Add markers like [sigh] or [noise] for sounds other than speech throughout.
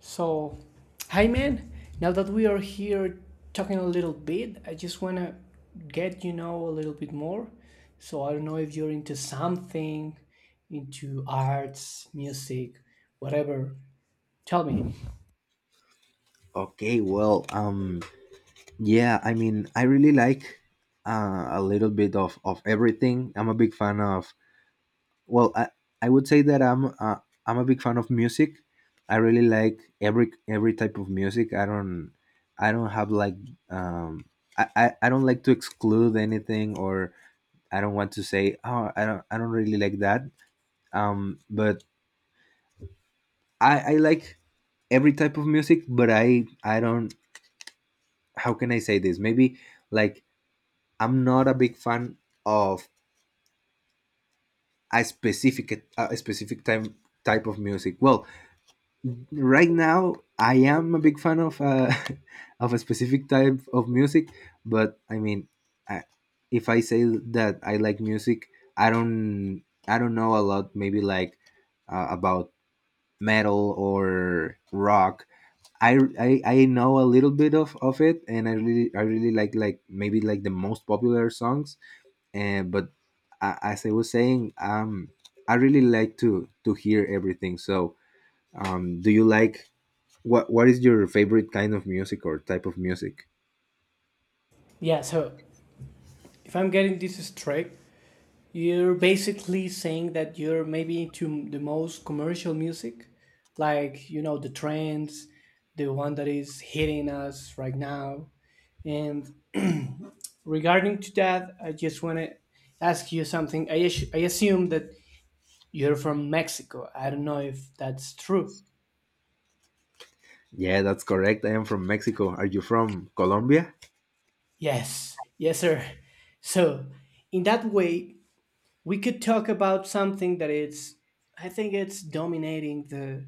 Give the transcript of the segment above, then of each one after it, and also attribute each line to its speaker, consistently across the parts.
Speaker 1: So, hi man. Now that we are here talking a little bit, I just want to get a little bit more. So, I don't know if you're into something, into arts, music, whatever. Tell me.
Speaker 2: Okay, well, yeah, I mean, I really like a little bit of everything. I'm a big fan of. Well, I would say that I'm a big fan of music. I really like every type of music. I don't have like um I don't like to exclude anything or I don't want to say oh I don't really like that. But I like every type of music, but I don't. How can I say this? Maybe like I'm not a big fan of a specific time type of music. Well, right now I am a big fan of [laughs] of a specific type of music, but I mean, I, if I say that I like music, I don't know a lot. Maybe like about metal or rock. I know a little bit of it, and I really like maybe like the most popular songs, but as I was saying, I really like to hear everything. So, do you like what is your favorite kind of music or type of music?
Speaker 1: Yeah, so if I'm getting this straight, you're basically saying that you're maybe into the most commercial music, like, the trends, the one that is hitting us right now. And regarding to that, I just want to ask you something. I assume that you're from Mexico. I don't know if that's true.
Speaker 2: Yeah, that's correct. I am from Mexico. Are you from Colombia?
Speaker 1: Yes, yes, sir. So, in that way, we could talk about something that it's, I think it's dominating the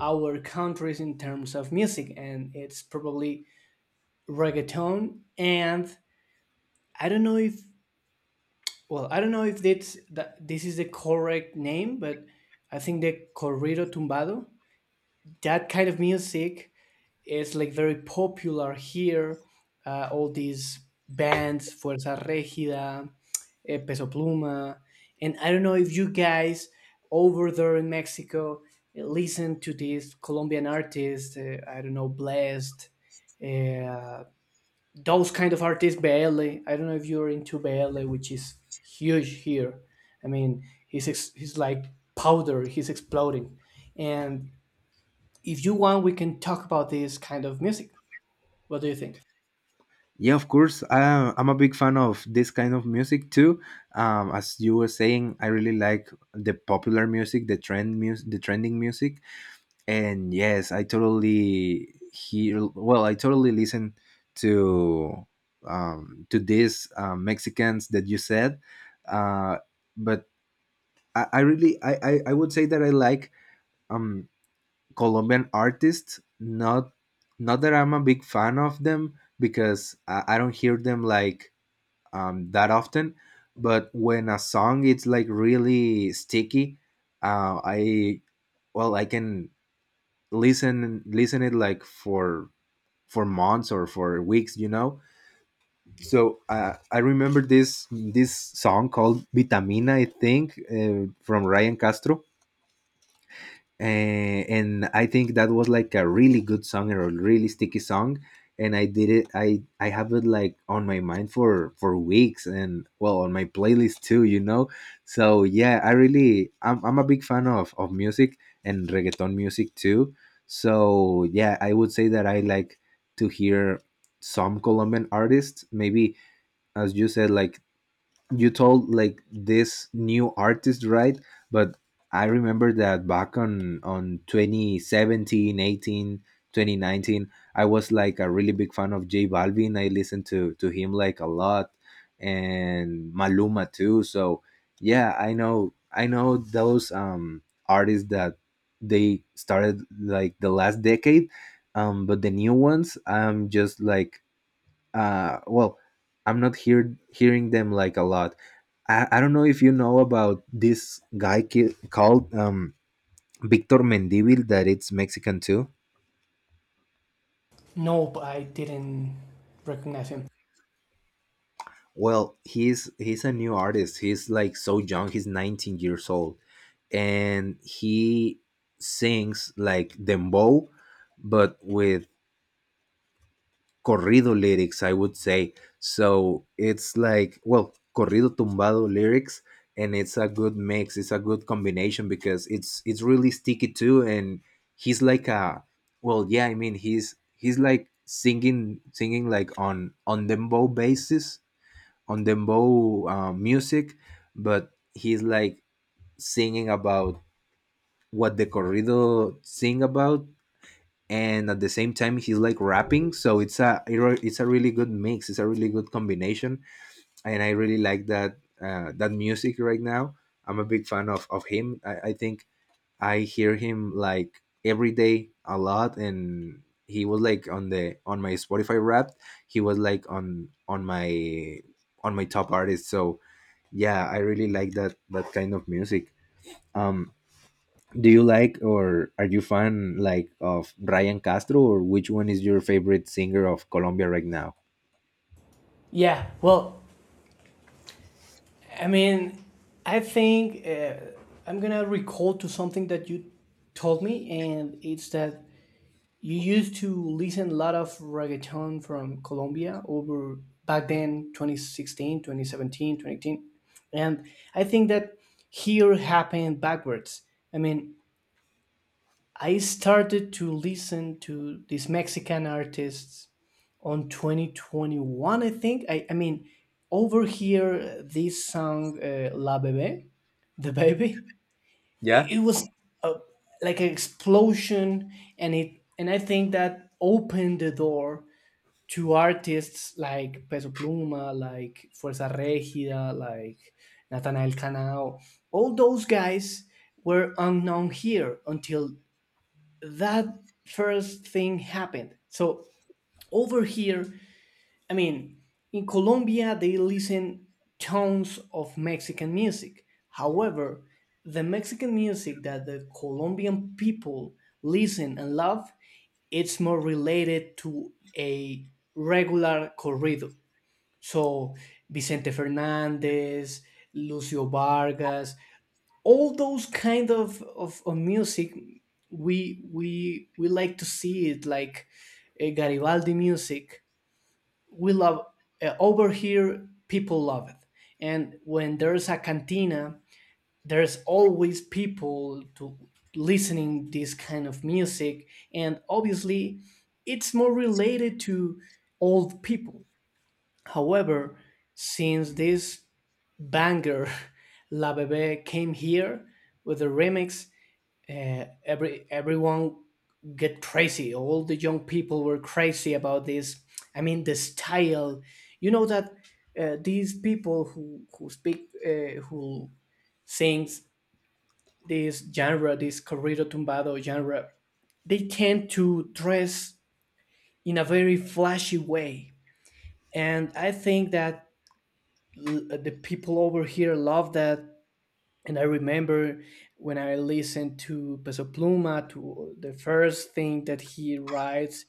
Speaker 1: our countries in terms of music, and it's probably reggaeton. And I don't know if, well, I don't know if it's that this is the correct name, but I think the corrido tumbado, that kind of music, is like very popular here. All these bands, Fuerza Regida, Peso Pluma, and I don't know if you guys over there in Mexico listen to these Colombian artists. I don't know, Blessed, uh, those kind of artists. Baile. I don't know if you're into Baile, which is huge here. I mean, he's like powder. He's exploding, and if you want, we can talk about this kind of music. What do you think?
Speaker 2: Yeah, of course. I'm a big fan of this kind of music too. As you were saying, I really like the popular music, the trend music, the trending music. And yes, I totally hear. Well, I totally listen to to these Mexicans that you said, uh, but I would say that I like um, Colombian artists. Not that I'm a big fan of them, because I don't hear them like that often. But when a song it's like really sticky, I well, I can listen it like for months or for weeks, so I remember this song called Vitamina, I think, from Ryan Castro. And I think that was like a really good song, or a really sticky song. And I did it. I have it like on my mind for weeks, and well, on my playlist too. So yeah, I really I'm a big fan of music, and reggaeton music too. So yeah, I would say that I like to hear some Colombian artists. Maybe, as you said, like, you told like this new artist, right? But I remember that back on 2017, 18, 2019, I was like a really big fan of J Balvin. I listened to him like a lot, and Maluma too. So yeah, I know those artists that they started like the last decade. But the new ones, I'm just like, well, I'm not hearing them like a lot. I don't know if you know about this guy, called Victor Mendivil, that it's Mexican too.
Speaker 1: Nope, I didn't recognize him.
Speaker 2: Well, he's a new artist. He's like so young. He's 19 years old, and he sings like dembow, but with corrido lyrics, I would say. So it's like, well, corrido tumbado lyrics, and it's a good mix. It's a good combination, because it's really sticky too. And he's like well, yeah. I mean, he's like singing like on dembow basis, on dembow music, but he's like singing about what the corrido sing about. And at the same time, he's like rapping. So it's a really good mix. It's a really good combination, and I really like that music right now. I'm a big fan of him. I think I hear him like every day a lot, and he was like on my Spotify Wrapped. He was like on my top artist. So yeah, I really like that kind of music. um do you like, or are you fan like of Brian Castro? Or which one is your favorite singer of Colombia right now?
Speaker 1: Yeah, well, I mean, I think I'm gonna recall to something that you told me, and it's that you used to listen a lot of reggaeton from Colombia over back then 2016, 2017, 2018, and I think that here happened backwards. I mean, I started to listen to these Mexican artists on 2021, I think. I mean, over here, this song, La Bebe, The Baby,
Speaker 2: Yeah.
Speaker 1: it was a, like an explosion. And I think that opened the door to artists like Peso Pluma, like Fuerza Regida, like Natanael Canao. All those guys were unknown here until that first thing happened. So over here, I mean, in Colombia, they listen tons of Mexican music. However, the Mexican music that the Colombian people listen and love, it's more related to a regular corrido. So Vicente Fernandez, Lucio Vargas, all those kind of music, we like to see it like Garibaldi music. We love, over here people love it, and when there's a cantina, there's always people to listening this kind of music. And obviously, it's more related to old people. However, since this banger [laughs] La Bebe came here with a remix, everyone get crazy. All the young people were crazy about this. I mean, the style. You know that these people who speak who sings this genre, this corrido tumbado genre, they tend to dress in a very flashy way, and I think that the people over here love that. And I remember when I listened to Peso Pluma, to the first thing that he writes,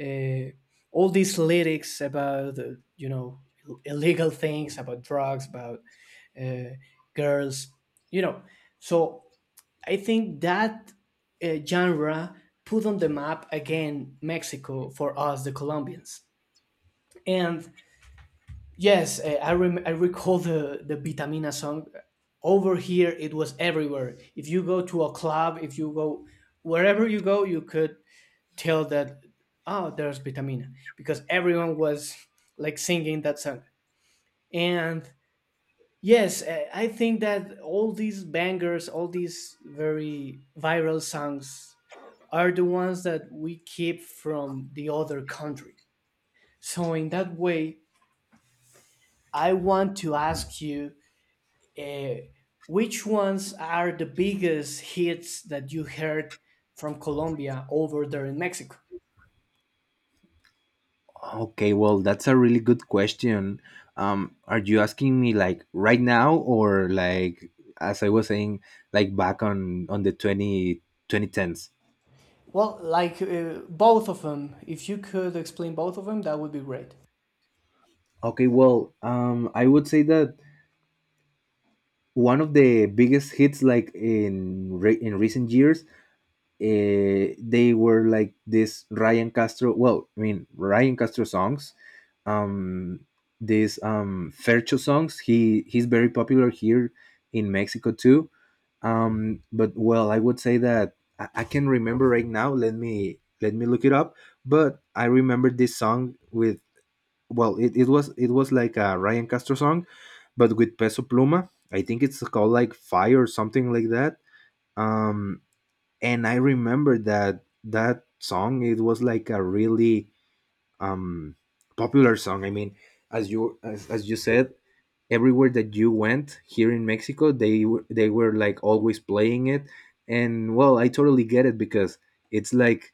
Speaker 1: uh, all these lyrics about illegal things, about drugs, about uh, girls, you know. So I think that genre put on the map again Mexico for us, the Colombians. And yes, I recall the Vitamina song. Over here, it was everywhere. If you go to a club, if you go wherever you go, you could tell that oh, there's Vitamina because everyone was like singing that song. And yes, I think that all these bangers, all these very viral songs, are the ones that we keep from the other country. So in that way, I want to ask you, uh, which ones are the biggest hits that you heard from Colombia over there in Mexico?
Speaker 2: Okay, well, that's a really good question. Are you asking me like right now, or like, as I was saying, like back on the twenty twenty tens?
Speaker 1: Well, like, both of them. If you could explain both of them, that would be great.
Speaker 2: Okay, well, I would say that one of the biggest hits, like in recent years, they were like this Ryan Castro. Well, I mean, Ryan Castro songs, um, these Fercho songs. He's very popular here in Mexico too. But well, I would say that I can remember right now. Let me look it up. But I remember this song with, well, it was like a Ryan Castro song, but with Peso Pluma. I think it's called like Fire or something like that. Um, and I remember that that song, it was like a really um popular song. I mean, as you said, everywhere that you went here in Mexico, they were like always playing it. And well, I totally get it, because it's like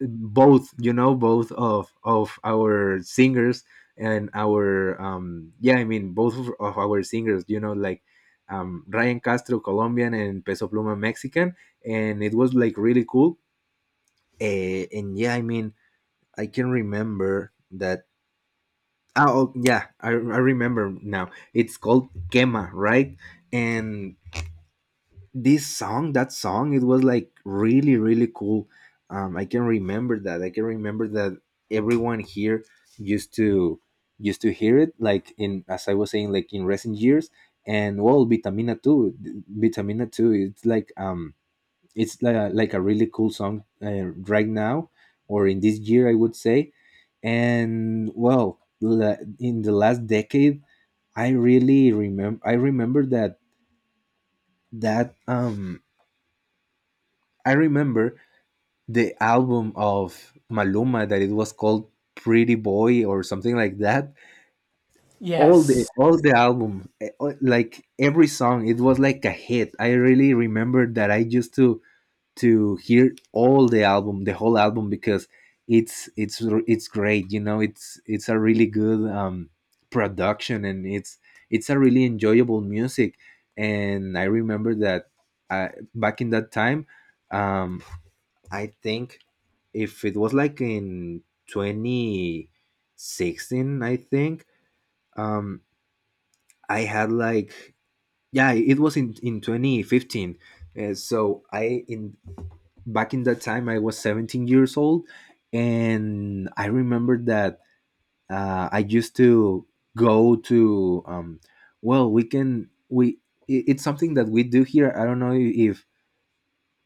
Speaker 2: both, of our singers, and our, yeah, I mean, both of our singers, like, Ryan Castro Colombian and Peso Pluma Mexican. And it was like really cool. And yeah, I mean, I can remember that. Oh, oh, yeah, I remember now. It's called Kema, right? And this song, that song, it was like really, really cool. I can remember that. I can remember that everyone here used to used to hear it, like, in as I was saying, like, in recent years. And well, Vitamina Two, Vitamina Two, it's like like a really cool song, right now, or in this year, I would say. And well, in the last decade, I remember that um i remember the album of Maluma, that it was called Pretty Boy or something like that. All the,
Speaker 1: Yes.
Speaker 2: album like every song, it was like a hit. I really remember that. I used to hear all the album, the whole album, because it's it's it's great. It's a really good, production, and it's a really enjoyable music. And I remember that, back in that time, um, I think if it was like in 2016, I think, um, I had like yeah, it was in 2015. So, I in back in that time, I was 17 years old. And I remember that, I used to go to well, we can we it- it's something that we do here. I don't know if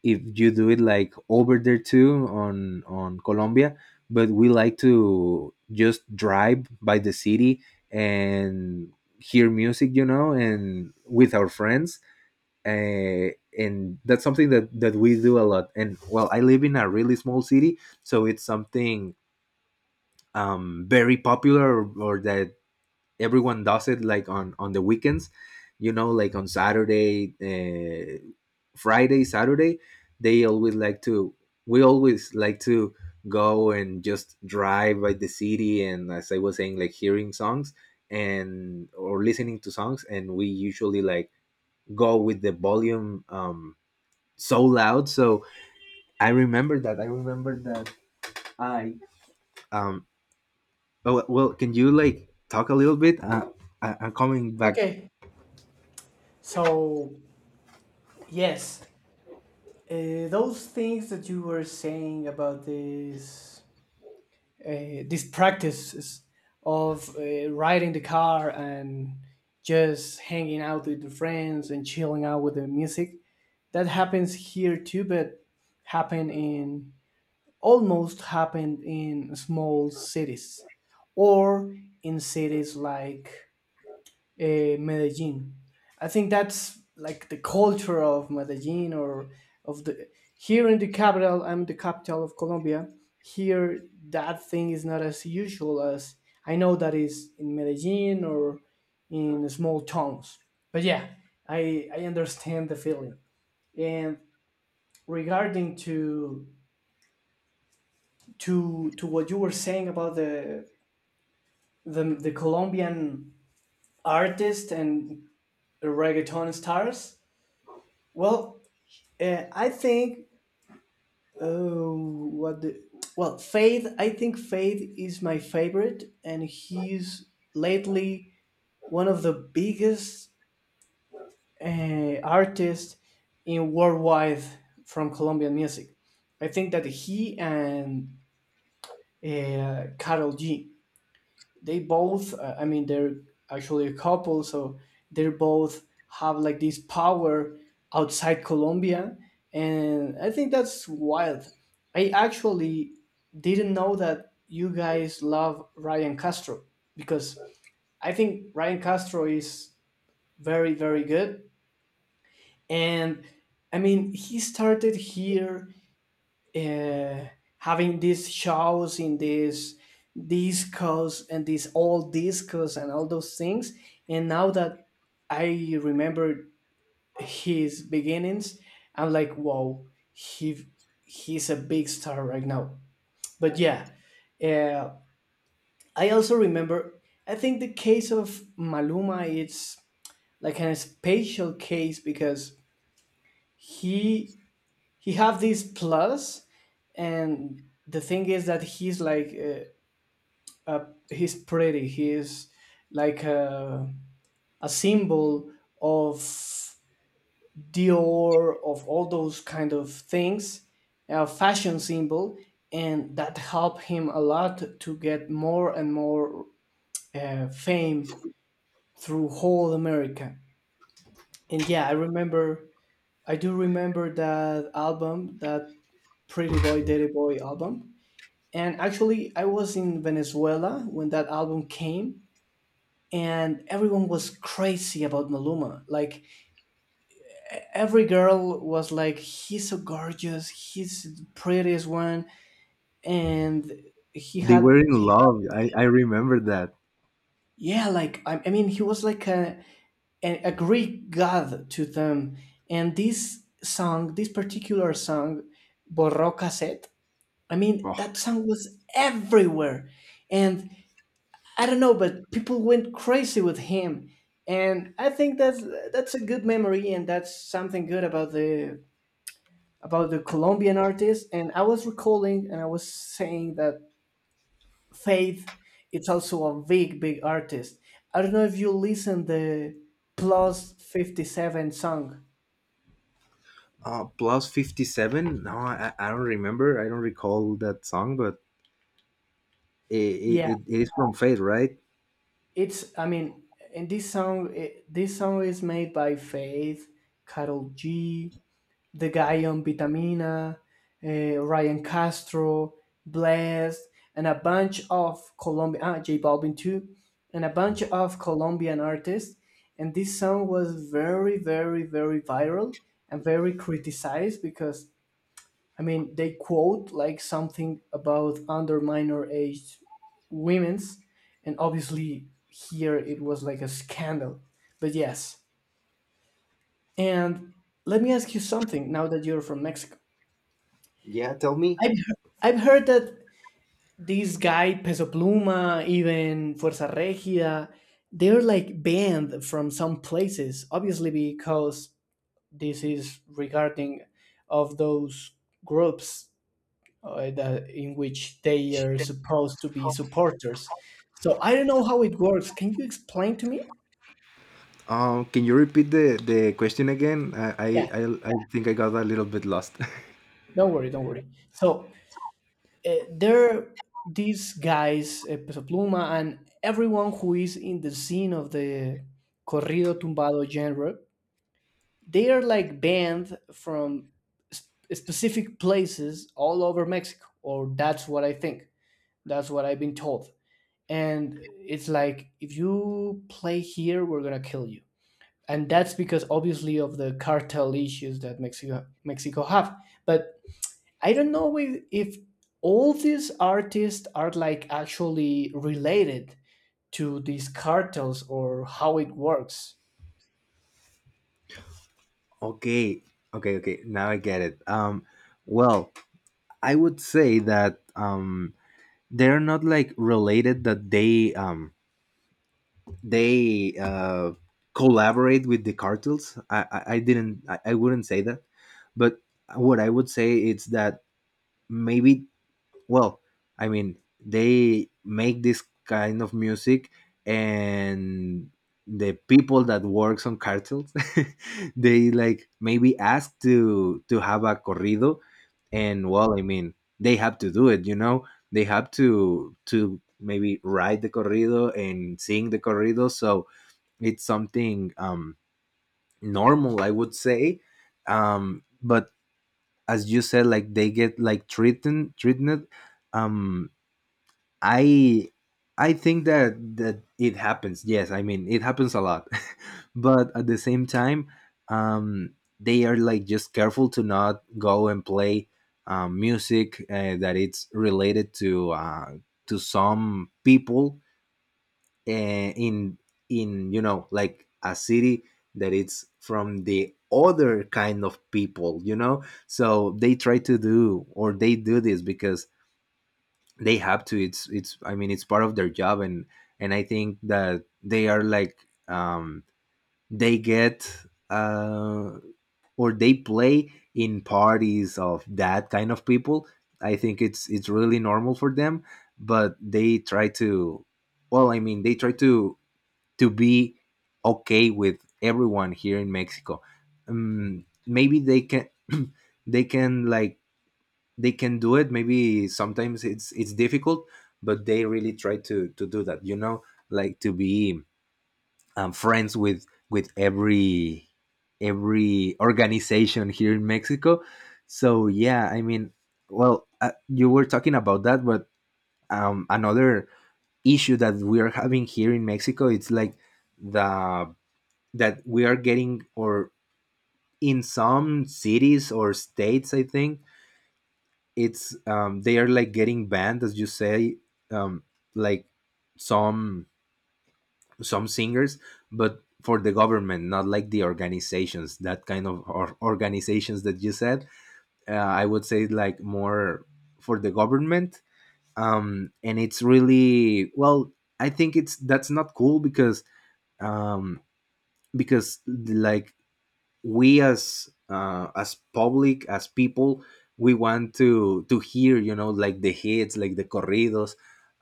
Speaker 2: if you do it like over there too, on Colombia. But we like to just drive by the city and hear music, and with our friends, uh, and that's something that we do a lot. And well, I live in a really small city, so it's something, very popular, or that everyone does it, like on the weekends, like on Saturday, Friday, Saturday. They always like to We always like to go and just drive by the city and, as I was saying, like hearing songs and, or listening to songs. And we usually like go with the volume, so loud. So I remember that. I remember that I um. Oh well, can you like talk a little bit? I'm coming back.
Speaker 1: Okay. So, yes, those things that you were saying about this, these practices of riding the car and just hanging out with the friends and chilling out with the music, that happens here too, but happen in almost happened in small cities or in cities like Medellin. I think that's like the culture of Medellin or of the here in the capital. I'm the capital of Colombia. Here, that thing is not as usual as I know that is in Medellin or in small towns. But yeah, I understand the feeling, and regarding to what you were saying about the the Colombian artist and reggaeton stars. Well, I think, oh, what the, well, Faith. I think Faith is my favorite, and he's lately one of the biggest artists in worldwide from Colombian music. I think that he and Carol G, they both I mean they're actually a couple. So they both have like this power outside Colombia, and I think that's wild. I actually didn't know that you guys love Ryan Castro because I think Ryan Castro is very, very good. And I mean, he started here uh, having these shows in these discos and these old discos and all those things. And now that I remember his beginnings, I'm like, wow, he he's a big star right now. But yeah, uh, I also remember. I think the case of Maluma, it's like a special case because he he have this plus, and the thing is that uh, uh, he's pretty, he's like a symbol of Dior, of all those kind of things, a fashion symbol, and that helped him a lot to get more and more fame through whole America. And yeah, I do remember that album, that pretty boy daddy boy album. And actually, I was in Venezuela when that album came, and everyone was crazy about Maluma. Like, every girl was like, he's so gorgeous, he's the prettiest one. And he
Speaker 2: They
Speaker 1: had,
Speaker 2: were in
Speaker 1: he,
Speaker 2: love. I remember that.
Speaker 1: yeah, like, I mean, he was like a Greek god to them. And this song, this particular song, Borro Cassette, I mean,
Speaker 2: Oh,
Speaker 1: that song was everywhere. And I don't know, but people went crazy with him, and I think that's a good memory, and that's something good about the Colombian artist. And I was recalling, and I was saying that Faith, it's also a big, big artist. I don't know if you listen the +57 song.
Speaker 2: +57. No, I don't remember. I don't recall that song, but it
Speaker 1: Yeah,
Speaker 2: it, it is from Faith, right?
Speaker 1: it's. I mean, in this song, this song is made by Faith, Carol G, the guy on Vitamina, Ryan Castro, Blessed, and a bunch of Colombian, J Balvin too, and a bunch of Colombian artists. And this song was very, very, very viral and very criticized because, I mean, they quote like something about under minor age women's. And obviously, here it was like a scandal. But yes. And let me ask you something now that you're from Mexico.
Speaker 2: Yeah. Tell me.
Speaker 1: I've heard, I've heard that these guy Peso Pluma, even Fuerza Regida, they're like banned from some places, obviously because this is regarding of those groups, that, in which they are supposed to be supporters. So I don't know how it works. Can you explain to me?
Speaker 2: Can you repeat the question again? I, I
Speaker 1: Yeah,
Speaker 2: I I think I got a little bit lost.
Speaker 1: don't worry, don't worry. So there these guys, Peso Pluma and everyone who is in the scene of the corrido tumbado genre, they are like banned from specific places all over Mexico, or that's what I think, that's what I've been told. And it's like, if you play here, we're going to kill you. And that's because obviously of the cartel issues that Mexico have. But I don't know if all these artists are like actually related to these cartels or how it works.
Speaker 2: [laughs] Okay, okay, okay. Now I get it. Well, I would say that, they're not like related, that they, they collaborate with the cartels. I didn't. I wouldn't say that, but what I would say is that maybe, well, I mean, they make this kind of music, and the people that works on cartels, [laughs] they like maybe ask to have a corrido, and well, I mean, they have to do it. They have to maybe write the corrido and sing the corrido. So it's something, normal, I would say. But as you said, like they get like treated um I I think that it happens. Yes, I mean it happens a lot, [laughs] but at the same time, um, they are like just careful to not go and play music that it's related to some people uh, in in you know like a city that it's from the other kind of people, you know, so they try to do or they do this because they have to. It's I mean, it's part of their job. And I think that they are like, um they get, uh or they play in parties of that kind of people. I think it's really normal for them, but they try to, well, I mean, they try to be okay with everyone here in Mexico. Maybe they can [clears throat] they can like, they can do it. Maybe sometimes it's difficult, but they really try to do that, you know, like to be friends with every organization here in Mexico. So yeah, I mean, well, you were talking about that. But another issue that we are having here in Mexico, it's like the, that we are getting, or in some cities or states, I think it's they are like getting banned, as you say, um like some some singers, but for the government, not like the organizations, that kind of, or organizations that you said. I would say like more for the government. And it's really, well, I think it's, that's not cool because, um because like we, as public, as people, we want to hear, you know, like the hits, like the corridos.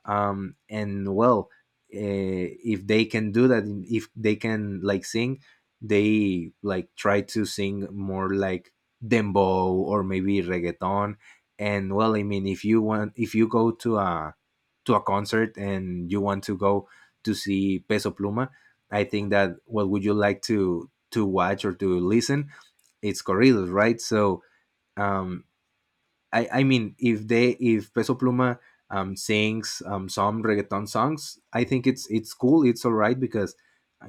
Speaker 2: And, well, if they can do that, if they can like sing, they like try to sing more like dembow or maybe reggaeton. And, well, I mean, if you want, if you go to a concert and you want to go to see Peso Pluma, I think that, what would you like to watch or to listen? It's corridos, right? So um, I mean, if they, if Peso Pluma sings some reggaeton songs, I think it's cool, it's all right because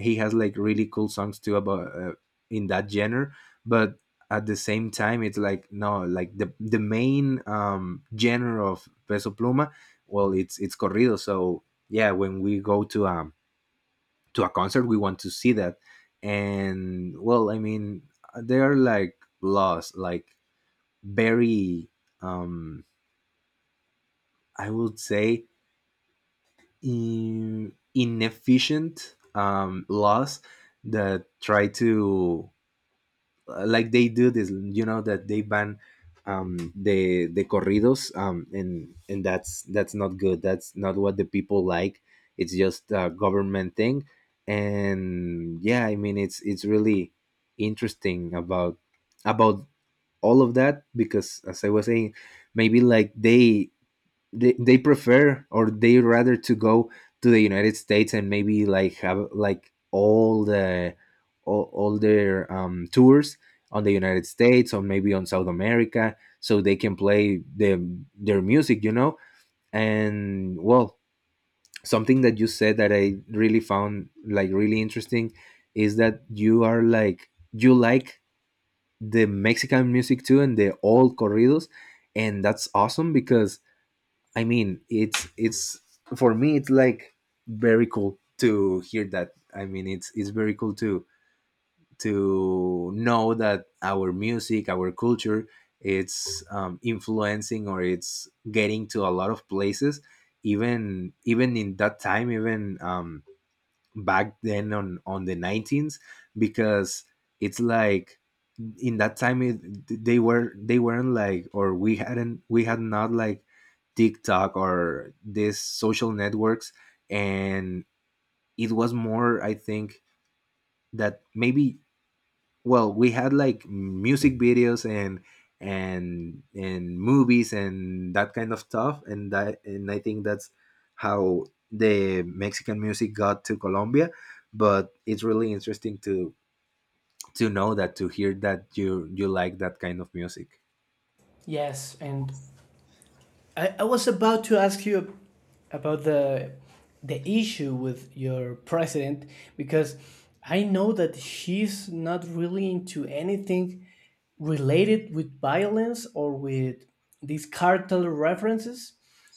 Speaker 2: he has like really cool songs too, about, in that genre. But at the same time, it's like no, like the main genre of Peso Pluma, well, it's corrido. So yeah, when we go to a concert, we want to see that. And, well, I mean, they are like laws, like very, um I would say, inefficient laws that try to, like they do this, you know, that they ban the corridos. And that's not good, that's not what the people like. It's just a government thing. And yeah, I mean, it's really interesting about about all of that because, as I was saying, maybe like they, they prefer, or they rather to go to the United States, and maybe like have like all their tours on the United States or maybe on South America, so they can play their music, you know? And, well, something that you said that I really found like really interesting is that you are like, you like the Mexican music too, and the old corridos. And that's awesome because, I mean, it's for me, it's like very cool to hear that. I mean, it's very cool to know that our music, our culture, it's influencing, or it's getting to a lot of places, even in that time, even back then on the 19s because it's like, in that time it, they weren't like, or we had not like TikTok or these social networks. And it was more, I think, that maybe, well, we had like music videos and, and movies and that kind of stuff. And that, and I think that's how the Mexican music got to Colombia. But it's really interesting to know that, to hear that you like that kind of music.
Speaker 1: Yes, and I was about to ask you about the issue with your president because I know that he's not really into anything related with violence or with these cartel references.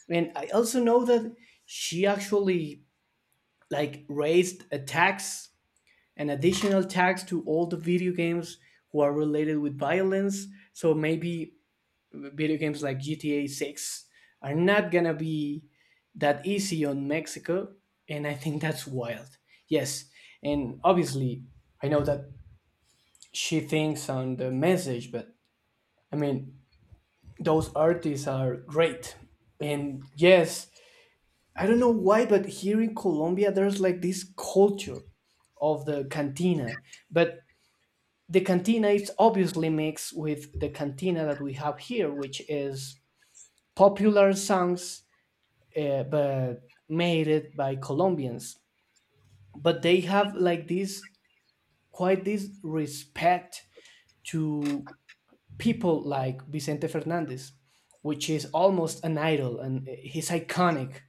Speaker 1: And I also know that she actually like raised a tax, an additional tax to all the video games who are related with violence. So maybe video games like GTA 6 are not going to be that easy on Mexico. And I think that's wild. Yes. And obviously, I know that she thinks on the message, but I mean, those artists are great. And yes, I don't know why, but here in Colombia, there's like this culture of the cantina. But the cantina is obviously mixed with the cantina that we have here, which is popular songs, but made it by Colombians. But they have like this quite this respect to people like Vicente Fernandez, which is almost an idol, and he's iconic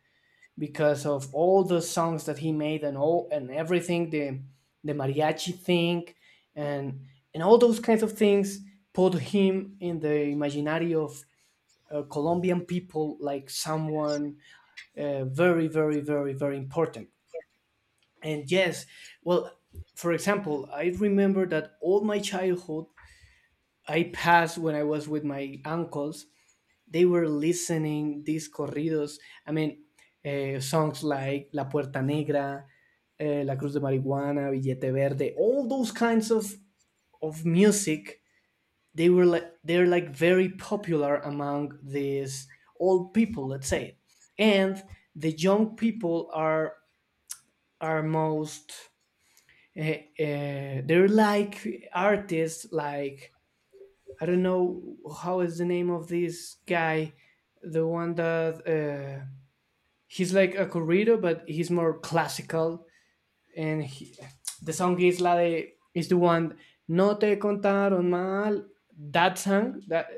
Speaker 1: because of all the songs that he made and all and everything, the mariachi thing, and and all those kinds of things put him in the imaginary of Colombian people like someone very, very, very, very important. And yes, well, for example, I remember that all my childhood I passed when I was with my uncles, they were listening these corridos. I mean, songs like La Puerta Negra, La Cruz de Marihuana, Billete Verde, all those kinds of music. They're like very popular among these old people, let's say, and the young people are most. Uh, they're like artists like, I don't know how is the name of this guy, the one that, he's like a corrido, but he's more classical, and he, the song is la de, is the one no te contaron mal. That song, that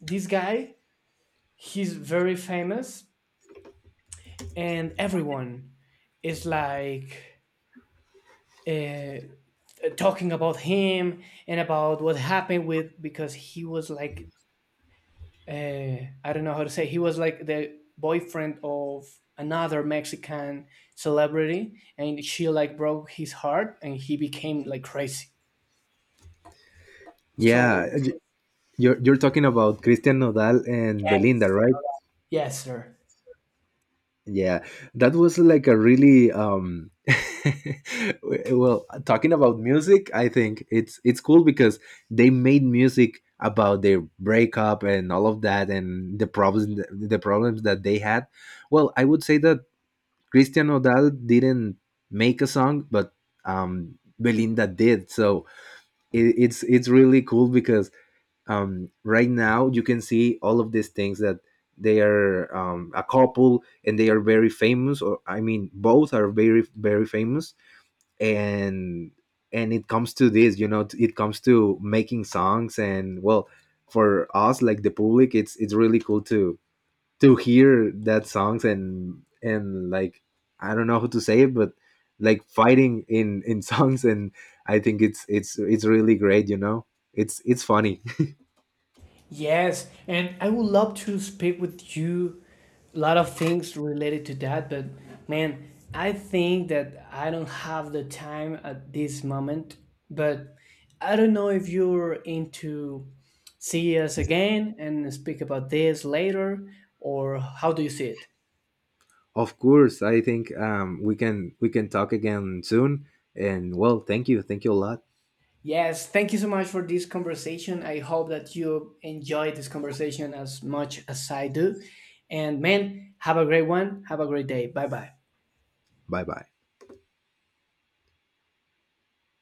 Speaker 1: this guy, he's very famous, and everyone is like, uh, talking about him and about what happened with, because he was like, uh, I don't know how to say. He was like the boyfriend of another Mexican celebrity, and she like broke his heart, and he became like crazy. So
Speaker 2: Yeah, you're talking about Christian Nodal and Belinda,
Speaker 1: yes,
Speaker 2: right?
Speaker 1: yes, sir.
Speaker 2: Yeah, that was like a really [laughs] well, talking about music, I think it's cool because they made music about their breakup and all of that, and the problems that they had. Well, I would say that Christian Odal didn't make a song, but Belinda did. So it's really cool because, right now you can see all of these things, that they are a couple and they are very famous, or I mean, both are very very famous. And it comes to this, you know, it comes to making songs. And, well, for us, like the public, it's really cool to hear that songs, and like, I don't know how to say it, but like fighting in [laughs] songs, and I think it's really great, you know, it's funny.
Speaker 1: Yes, and I would love to speak with you a lot of things related to that, but man, I think that I don't have the time at this moment. But I don't know if you're into see us again and speak about this later, or how do you see it?
Speaker 2: Of course, I think we can talk again soon. And, well, thank you a lot.
Speaker 1: Yes, thank you so much for this conversation. I hope that you enjoyed this conversation as much as I do. And man, have a great one. Have a great day. Bye bye.
Speaker 2: Bye bye.